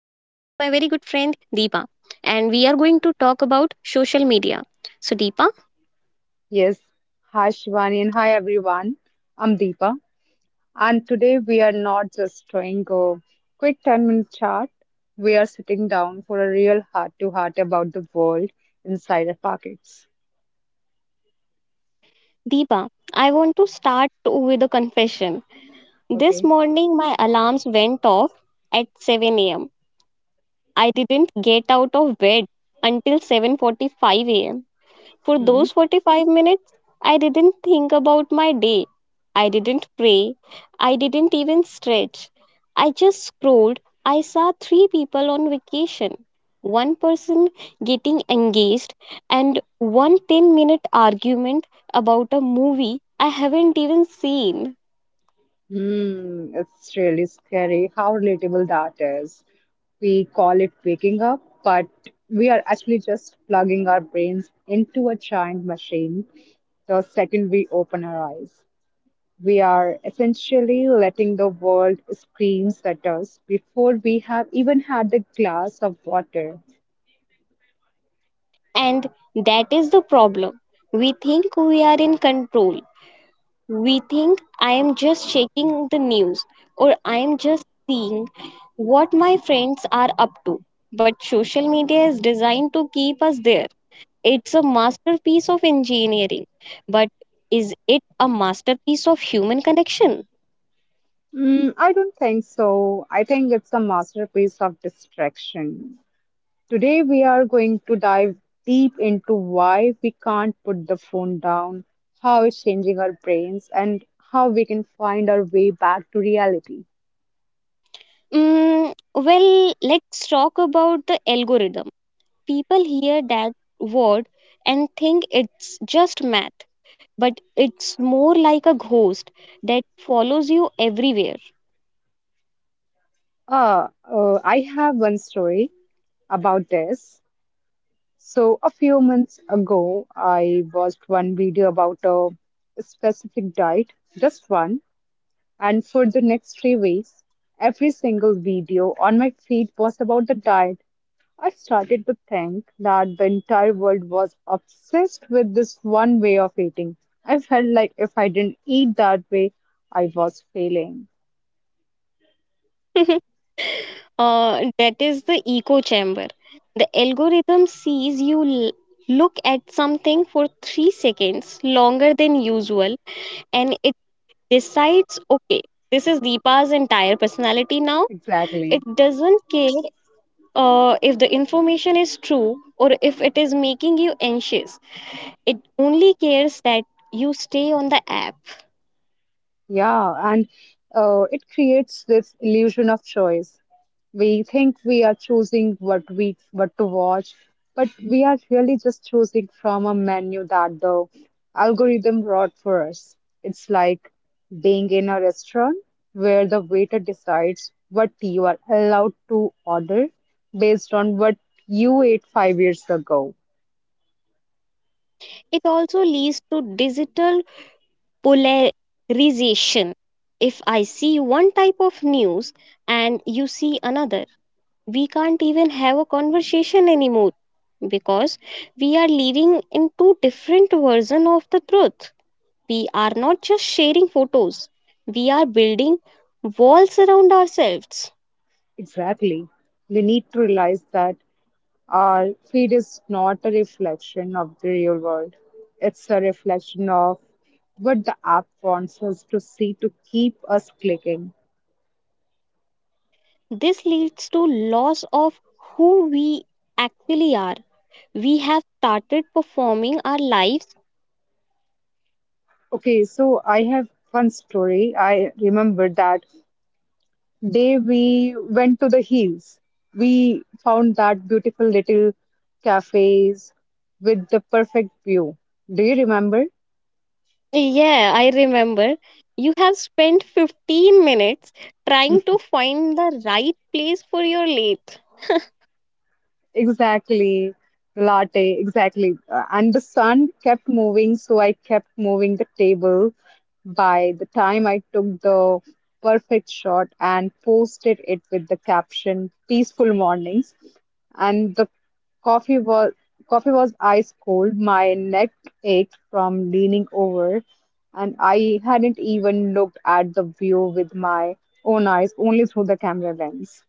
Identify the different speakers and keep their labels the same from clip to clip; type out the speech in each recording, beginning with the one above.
Speaker 1: friend Deepa, and we are going to talk about social media. So Deepa,
Speaker 2: Yes, hi Shivani and hi everyone. I'm Deepa, and today we are not just doing a quick 10-minute chat, we are sitting down for a real heart to heart about the world inside our pockets.
Speaker 1: Deepa, I want to start with a confession. This
Speaker 2: Okay.
Speaker 1: morning my alarms went off at 7 a.m. I didn't get out of bed until 7:45 a.m. For
Speaker 2: Hmm.
Speaker 1: those 45 minutes, I didn't think about my day. I didn't pray. I didn't even stretch. I just scrolled. I saw three people on vacation, one person getting engaged, and one 10 minute argument about a movie I haven't even seen.
Speaker 2: Hmm. It's really scary how relatable that is. We call it waking up, but we are actually just plugging our brains into a giant machine the second we open our eyes. We are essentially letting the world scream at us before we have even had a glass of water.
Speaker 1: And that is the problem. We think we are in control. We think I am just checking the news or I am just seeing what my friends are up to. But social media is designed to keep us there. It's a masterpiece of engineering. But is it a masterpiece of human connection?
Speaker 2: Mm, I don't think so. I think it's a masterpiece of distraction. Today, we are going to dive deep into why we can't put the phone down, how it's changing our brains, and how we can find our way back to reality.
Speaker 1: Mm, well, let's talk about the algorithm. People hear that word and think it's just math, but it's more like a ghost that follows you everywhere.
Speaker 2: Uh, I have one story about this. So, a few months ago, I watched one video about a specific diet, just one, and for the next 3 weeks, every single video on my feed was about the diet. I started to think that the entire world was obsessed with this one way of eating. I felt like if I didn't eat that way, I was failing.
Speaker 1: That is the echo chamber. The algorithm sees you look at something for 3 seconds longer than usual, and it decides, okay, this is Deepa's entire personality now. It
Speaker 2: Exactly.
Speaker 1: doesn't care if the information is true or if it is making you anxious. It only cares that you stay on the app.
Speaker 2: Yeah, and it creates this illusion of choice. We think we are choosing what to watch, but we are really just choosing from a menu that the algorithm brought for us. It's like being in a restaurant where the waiter decides what you are allowed to order based on what you ate 5 years ago.
Speaker 1: It also leads to digital polarization. If I see one type of news and you see another, we can't even have a conversation anymore because we are living in two different versions of the truth. We are not just sharing photos, we are building walls around ourselves.
Speaker 2: Exactly. We need to realize that. Our feed is not a reflection of the real world. It's a reflection of what the app wants us to see to keep us clicking.
Speaker 1: This leads to loss of who we actually are. We have started performing our lives.
Speaker 2: Okay, so I have one story. I remember that day we went to the hills. We found that beautiful little cafes with the perfect view. Do you remember?
Speaker 1: Yeah, I remember. You have spent 15 minutes trying to find the right place for your lathe.
Speaker 2: Exactly, latte, exactly. And the sun kept moving, so I kept moving the table. By the time I took the perfect shot and posted it with the caption "Peaceful Mornings," and the coffee was coffee was ice cold. My neck ached from leaning over, and I hadn't even looked at the view with my own eyes, only through the camera lens.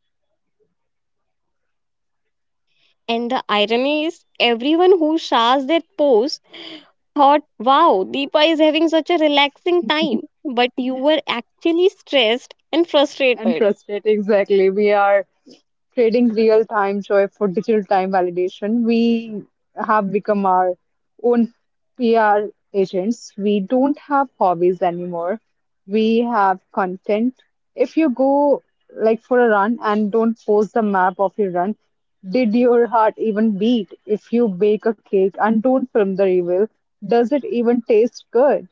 Speaker 1: And the irony is, everyone who shares that pose thought, wow, Deepa is having such a relaxing time. But you were actually stressed and
Speaker 2: And
Speaker 1: frustrated.
Speaker 2: frustrate, exactly. We are trading real time joy for digital time validation. We have become our own PR agents. We don't have hobbies anymore. We have content. If you go like for a run and don't post the map of your run, did your heart even beat? If you bake a cake and don't film the reveal, does it even taste good?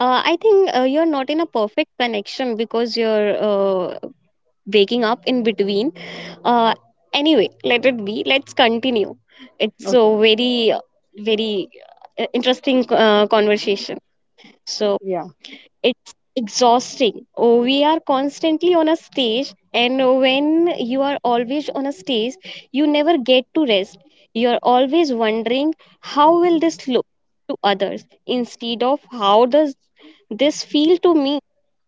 Speaker 1: I think you're not in a perfect connection because you're waking up in between. Uh, anyway, let it be. Let's continue. It's
Speaker 2: Okay.
Speaker 1: so very, very interesting conversation. So
Speaker 2: Yeah.
Speaker 1: it's exhausting. Oh, we are constantly on a stage, and when you are always on a stage, you never get to rest. You are always wondering how will this look to others instead of how does this feel to me,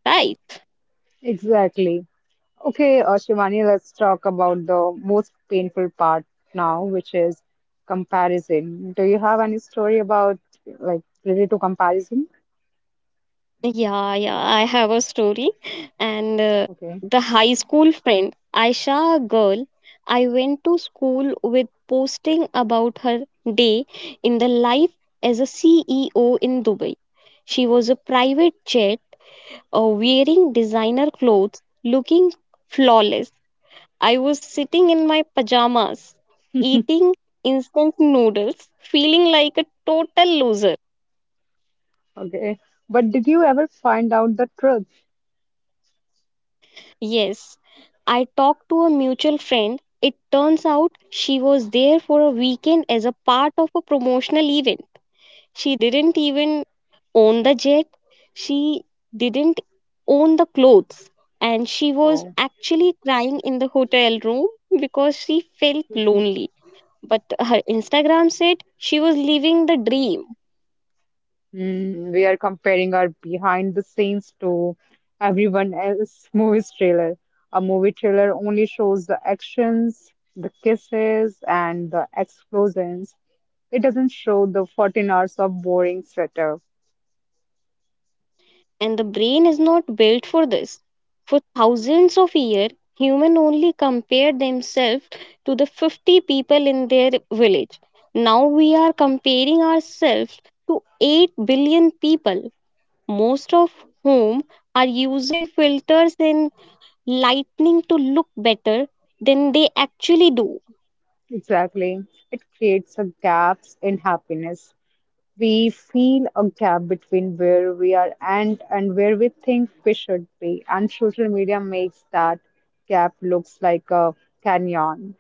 Speaker 1: right?
Speaker 2: Exactly. Okay, Shivani, let's talk about the most painful part now, which is comparison. Do you have any story about like related to comparison?
Speaker 1: Yeah, yeah, I have a story. And
Speaker 2: Okay,
Speaker 1: the high school friend, Aisha, a girl I went to school with, posting about her day in the life as a CEO in Dubai. She was a private jet, wearing designer clothes, looking flawless. I was sitting in my pajamas, eating instant noodles, feeling like a total loser.
Speaker 2: okay. But did you ever find out the truth?
Speaker 1: Yes, I talked to a mutual friend. It turns out she was there for a weekend as a part of a promotional event. She didn't even own the jet, she didn't own the clothes, and she was
Speaker 2: Oh,
Speaker 1: actually crying in the hotel room because she felt lonely. But her Instagram said she was living the dream.
Speaker 2: mm, we are comparing our behind the scenes to everyone else movie's trailer. A movie trailer only shows the actions, the kisses, and the explosions. It doesn't show the 14 hours of boring sweater.
Speaker 1: And the brain is not built for this. For thousands of years, humans only compared themselves to the 50 people in their village. Now we are comparing ourselves to 8 billion people, most of whom are using filters and lighting to look better than they actually do.
Speaker 2: Exactly. It creates a gaps in happiness. We feel a gap between where we are and where we think we should be, and social media makes that gap looks like a canyon.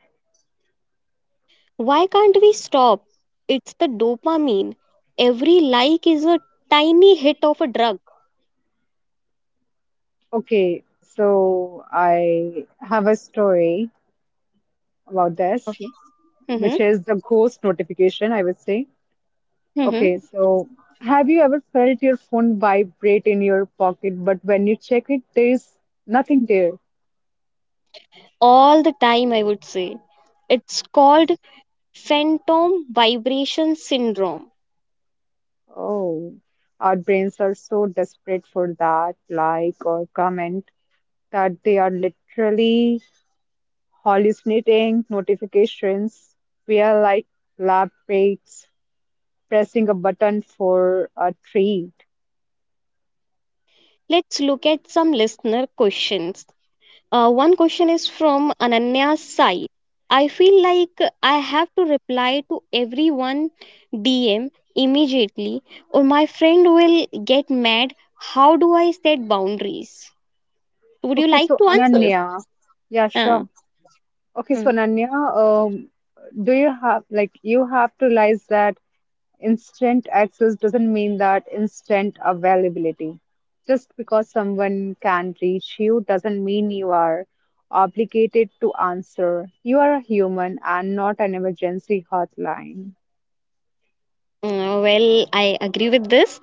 Speaker 1: Why can't we stop? It's the dopamine. Every like is a tiny hit of a drug.
Speaker 2: Okay, so I have a story about this,
Speaker 1: Okay.
Speaker 2: which
Speaker 1: Mm-hmm.
Speaker 2: is the ghost notification, I would say.
Speaker 1: Mm-hmm.
Speaker 2: Okay, so have you ever felt your phone vibrate in your pocket, but when you check it, there is nothing there?
Speaker 1: All the time, I would say. It's called phantom vibration syndrome.
Speaker 2: Oh, our brains are so desperate for that like or comment that they are literally hallucinating notifications. We are like lab rats pressing a button for a treat.
Speaker 1: Let's look at some listener questions. One question is from Ananya's side. I feel like I have to reply to everyone DM immediately, or my friend will get mad. How do I set boundaries? Would you
Speaker 2: Okay,
Speaker 1: like
Speaker 2: so
Speaker 1: to answer?
Speaker 2: Ananya, yeah,
Speaker 1: Uh,
Speaker 2: sure. Okay,
Speaker 1: hmm.
Speaker 2: so Ananya, do you have like you have to realize that? Instant access doesn't mean that instant availability. Just because someone can reach you doesn't mean you are obligated to answer. You are a human and not an emergency hotline.
Speaker 1: Mm, well, I agree with this.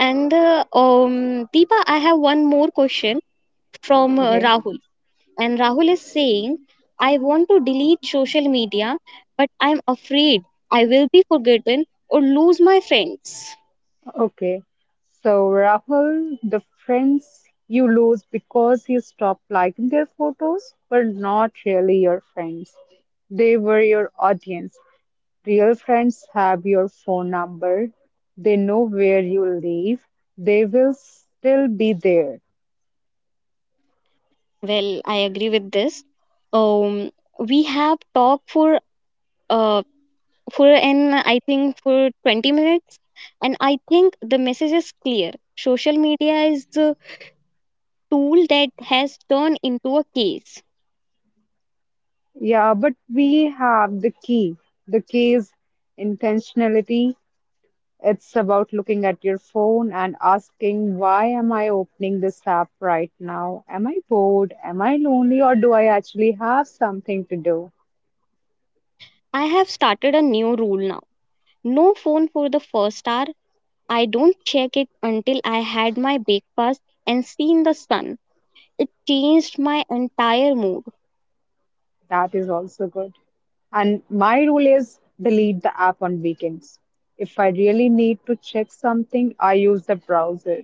Speaker 1: And Deepa, I have one more question from
Speaker 2: Okay.
Speaker 1: Rahul. And Rahul is saying, I want to delete social media, but I'm afraid I will be forgotten or lose my friends.
Speaker 2: Okay. So, Rahul, the friends you lose because you stop liking their photos were not really your friends. They were your audience. Real friends have your phone number. They know where you live. They will still be there.
Speaker 1: Well, I agree with this. Um, we have talked uh, for an I think for 20 minutes, and I think the message is clear. Social media is the tool that has turned into a case.
Speaker 2: Yeah, but we have the key. The key is intentionality. It's about looking at your phone and asking, why am I opening this app right now? Am I bored? Am I lonely? Or do I actually have something to do?
Speaker 1: I have started a new rule now. No phone for the first hour. I don't check it until I had my breakfast and seen the sun. It changed my entire mood.
Speaker 2: That is also good. And my rule is delete the app on weekends. If I really need to check something, I use the browser.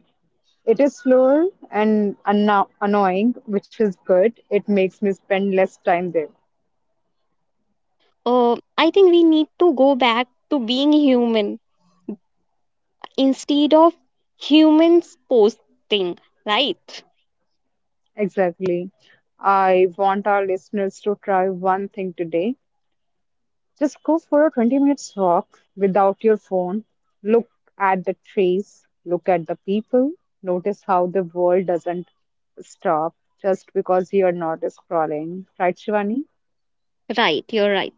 Speaker 2: It is slower and annoying, which is good. It makes me spend less time there.
Speaker 1: I think we need to go back to being human instead of humans posting, right?
Speaker 2: Exactly. I want our listeners to try one thing today. Just go for a 20 minutes walk without your phone. Look at the trees, look at the people, notice how the world doesn't stop just because you're not scrolling. Right, Shivani?
Speaker 1: Right, you're right.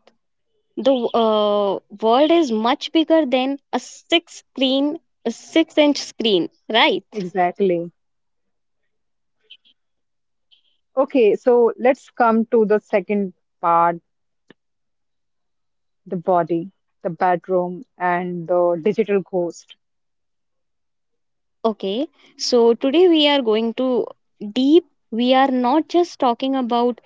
Speaker 1: The world is much bigger than a six-inch screen, right?
Speaker 2: Exactly. Okay, so let's come to the second part, the body, the bedroom, and the digital ghost.
Speaker 1: Okay, so today we are going to deep. We are not just talking about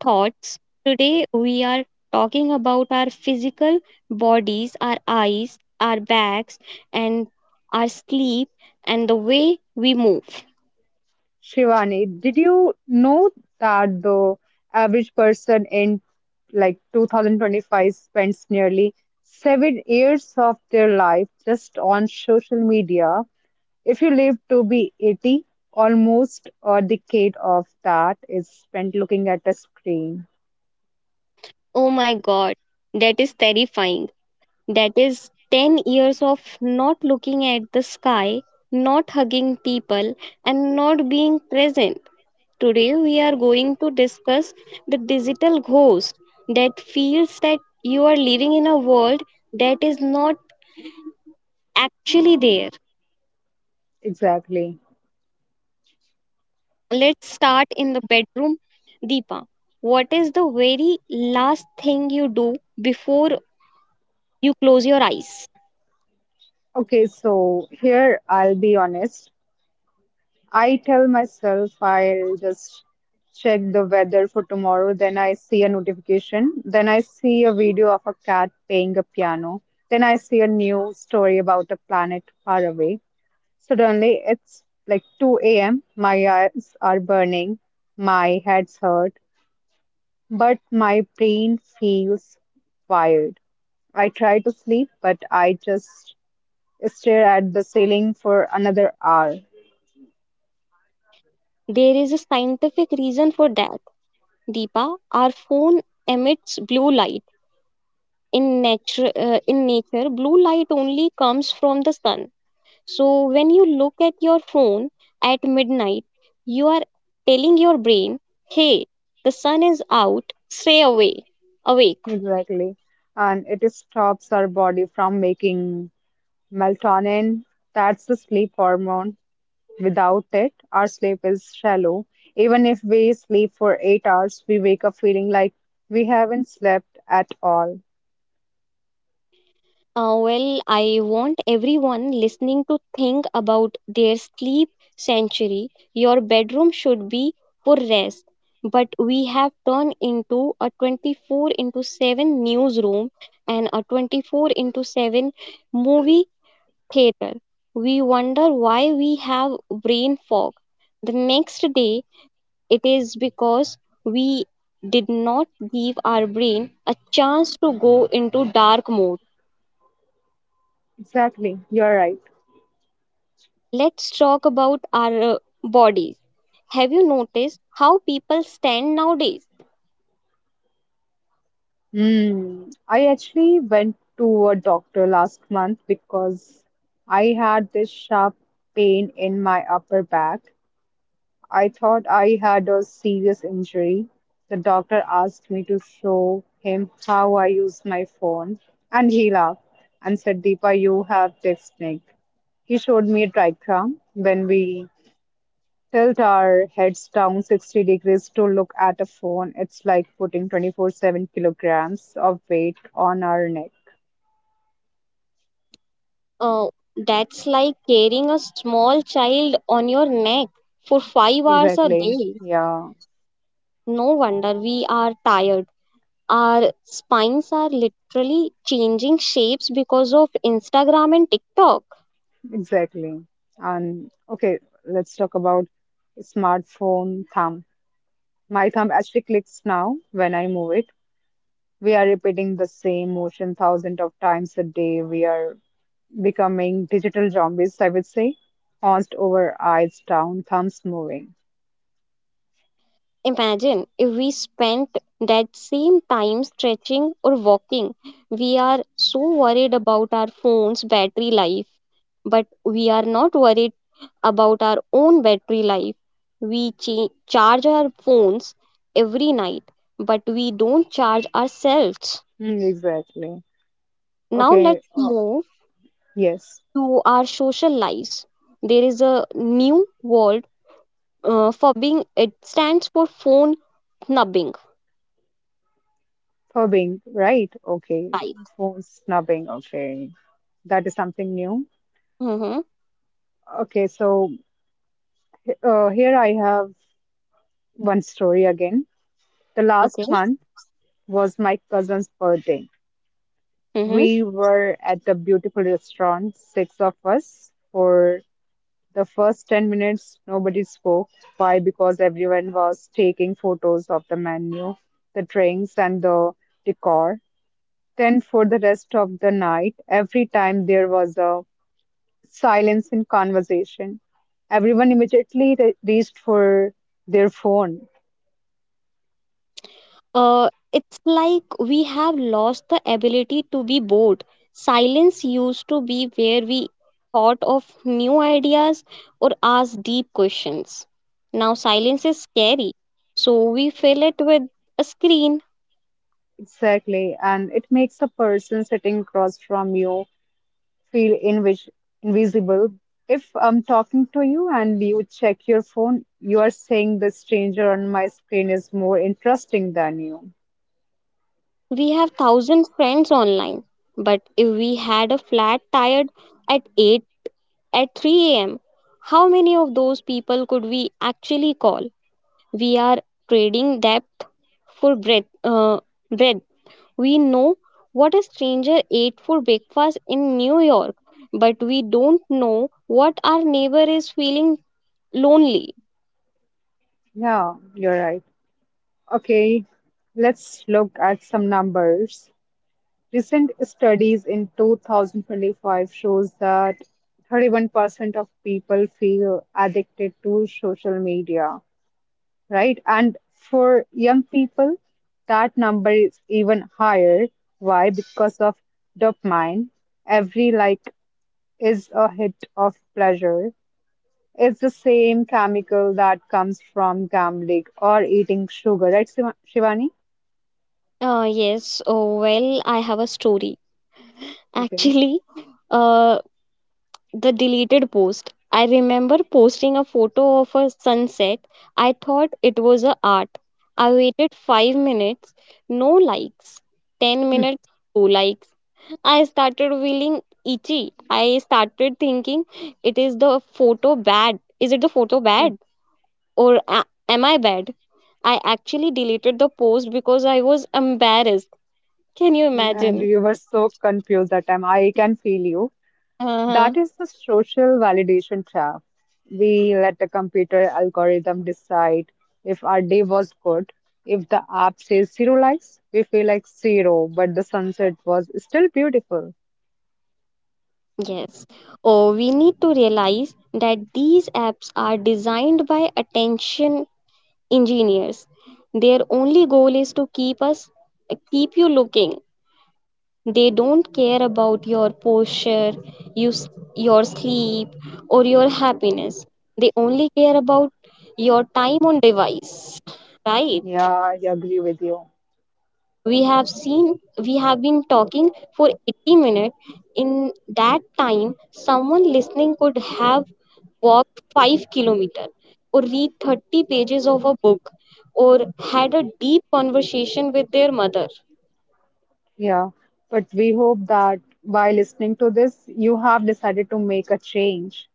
Speaker 1: thoughts. Today we are talking about our physical bodies, our eyes, our backs, and our sleep, and the way we move.
Speaker 2: Shivani, did you know that the average person in like 2025 spends nearly 7 years of their life just on social media? If you live to be 80, almost a decade of that is spent looking at a screen.
Speaker 1: Oh my god, that is terrifying. That is 10 years of not looking at the sky, not hugging people, and not being present. Today, we are going to discuss the digital ghost that feels that you are living in a world that is not actually there.
Speaker 2: Exactly.
Speaker 1: Let's start in the bedroom. Deepa, what is the very last thing you do before you close your eyes?
Speaker 2: Okay, so here I'll be honest. I tell myself I'll just check the weather for tomorrow. Then I see a notification. Then I see a video of a cat playing a piano. Then I see a news story about a planet far away. Suddenly, it's like 2 a.m. My eyes are burning. My head's hurt. But my brain feels wired. I try to sleep, but I just stare at the ceiling for another hour.
Speaker 1: There is a scientific reason for that. Deepa, our phone emits blue light. In nature, blue light only comes from the sun. So, when you look at your phone at midnight, you are telling your brain, hey, the sun is out, stay away, awake.
Speaker 2: Exactly. And it stops our body from making melatonin. That's the sleep hormone. Without it, our sleep is shallow. Even if we sleep for 8 hours, we wake up feeling like we haven't slept at all.
Speaker 1: Well, I want everyone listening to think about their sleep sanctuary. Your bedroom should be for rest, but we have turned into a 24 into 7 newsroom and a 24 into 7 movie theater. We wonder why we have brain fog. The next day, it is because we did not give our brain a chance to go into dark mode.
Speaker 2: Exactly. You're right.
Speaker 1: Let's talk about our bodies. Have you noticed how people stand nowadays?
Speaker 2: Hmm. I actually went to a doctor last month because I had this sharp pain in my upper back. I thought I had a serious injury. The doctor asked me to show him how I use my phone, and he laughed and said, Deepa, you have technique. He showed me a trichram. When we tilt our heads down 60 degrees to look at a phone, it's like putting 24/7 kilograms of weight on our neck.
Speaker 1: Uh, that's like carrying a small child on your neck for 5 hours a
Speaker 2: Exactly.
Speaker 1: day.
Speaker 2: Yeah,
Speaker 1: No wonder we are tired. Our spines are literally changing shapes because of Instagram and TikTok.
Speaker 2: exactly. And okay, let's talk about smartphone thumb. My thumb actually clicks now when I move it. We are repeating the same motion thousands of times a day. We are becoming digital zombies, I would say. Horns over, eyes down, thumbs moving.
Speaker 1: Imagine if we spent that same time stretching or walking. We are so worried about our phone's battery life, but we are not worried about our own battery life. We charge our phones every night, but we don't charge ourselves.
Speaker 2: Mm, exactly.
Speaker 1: Now
Speaker 2: Okay.
Speaker 1: let's move
Speaker 2: Yes.
Speaker 1: to our social lives. There is a new word for being, it stands for phone nubbing.
Speaker 2: Fubbing, right? Okay.
Speaker 1: Right.
Speaker 2: Phone snubbing, okay. That is something new.
Speaker 1: Mm-hmm.
Speaker 2: Okay, so here I have one story again. The last
Speaker 1: Okay.
Speaker 2: month was my cousin's birthday.
Speaker 1: Mm-hmm.
Speaker 2: We were at the beautiful restaurant, six of us. For the first 10 minutes, nobody spoke. Why? Because everyone was taking photos of the menu, the drinks, and the decor. Then, for the rest of the night, every time there was a silence in conversation, everyone immediately reached for their phone.
Speaker 1: It's like we have lost the ability to be bored. Silence used to be where we thought of new ideas or asked deep questions. Now silence is scary, so we fill it with a screen.
Speaker 2: Exactly. And it makes a person sitting across from you feel invisible. If I'm talking to you and you check your phone, you are saying the stranger on my screen is more interesting than you.
Speaker 1: We have thousand friends online, but if we had a flat tired at 8 at 3 a.m., how many of those people could we actually call? We are trading depth for breadth. We know what a stranger ate for breakfast in New York, but we don't know what our neighbor is feeling lonely.
Speaker 2: Yeah, you're right. Okay, let's look at some numbers. Recent studies in 2025 shows that 31% of people feel addicted to social media. Right? And for young people, that number is even higher. Why? Because of dopamine. Every like is a hit of pleasure. It's the same chemical that comes from gambling or eating sugar, right, Shivani?
Speaker 1: Yes, oh, well, I have a story.
Speaker 2: Okay.
Speaker 1: Actually, uh, the deleted post. I remember posting a photo of a sunset. I thought it was a art. I waited 5 minutes, no likes. 10 minutes, 2 likes. I started feeling itchy. I started thinking, it is the photo bad. Is it the photo bad, or am I bad? I actually deleted the post because I was embarrassed. Can you
Speaker 2: And
Speaker 1: imagine?
Speaker 2: you were so confused that time. I can feel you. That is the social validation trap. We let the computer algorithm decide if our day was good. If the app says zero likes, we feel like zero, but the sunset was still beautiful.
Speaker 1: Yes. Oh, we need to realize that these apps are designed by attention engineers. Their only goal is to keep you looking. They don't care about your posture, you, s- your sleep or your happiness. They only care about your time on device. Right?
Speaker 2: Yeah, I agree with you.
Speaker 1: We have seen we have been talking for 80 minutes. In that time, someone listening could have walk 5 kilometers, or read 30 pages of a book, or had a deep conversation with their mother.
Speaker 2: Yeah, but we hope that by listening to this, you have decided to make a change.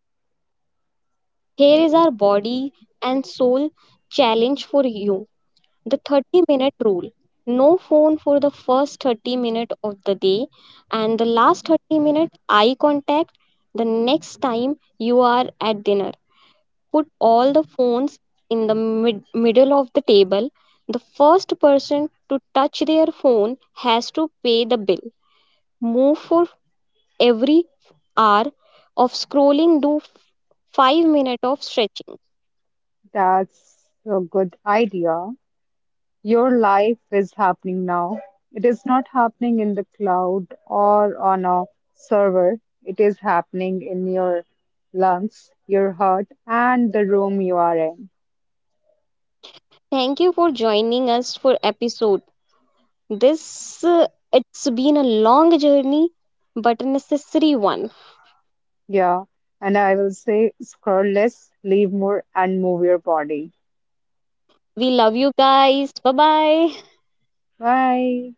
Speaker 1: Here is our body and soul challenge for you: the 30-minute rule, no phone for the first 30 minutes of the day and the last 30-minute eye contact. The next time you are at dinner, put all the phones in the middle of the table. The first person to touch their phone has to pay the bill. Move for every hour of scrolling, do 5 minutes of stretching.
Speaker 2: That's a good idea. Your life is happening now. It is not happening in the cloud or on a server. It is happening in your lungs, your heart, and the room you are in.
Speaker 1: Thank you for joining us for episode. This uh, it's been a long journey but a necessary one.
Speaker 2: Yeah. And I will say, scroll less, live more, and move your body.
Speaker 1: We love you guys. Bye bye.
Speaker 2: Bye.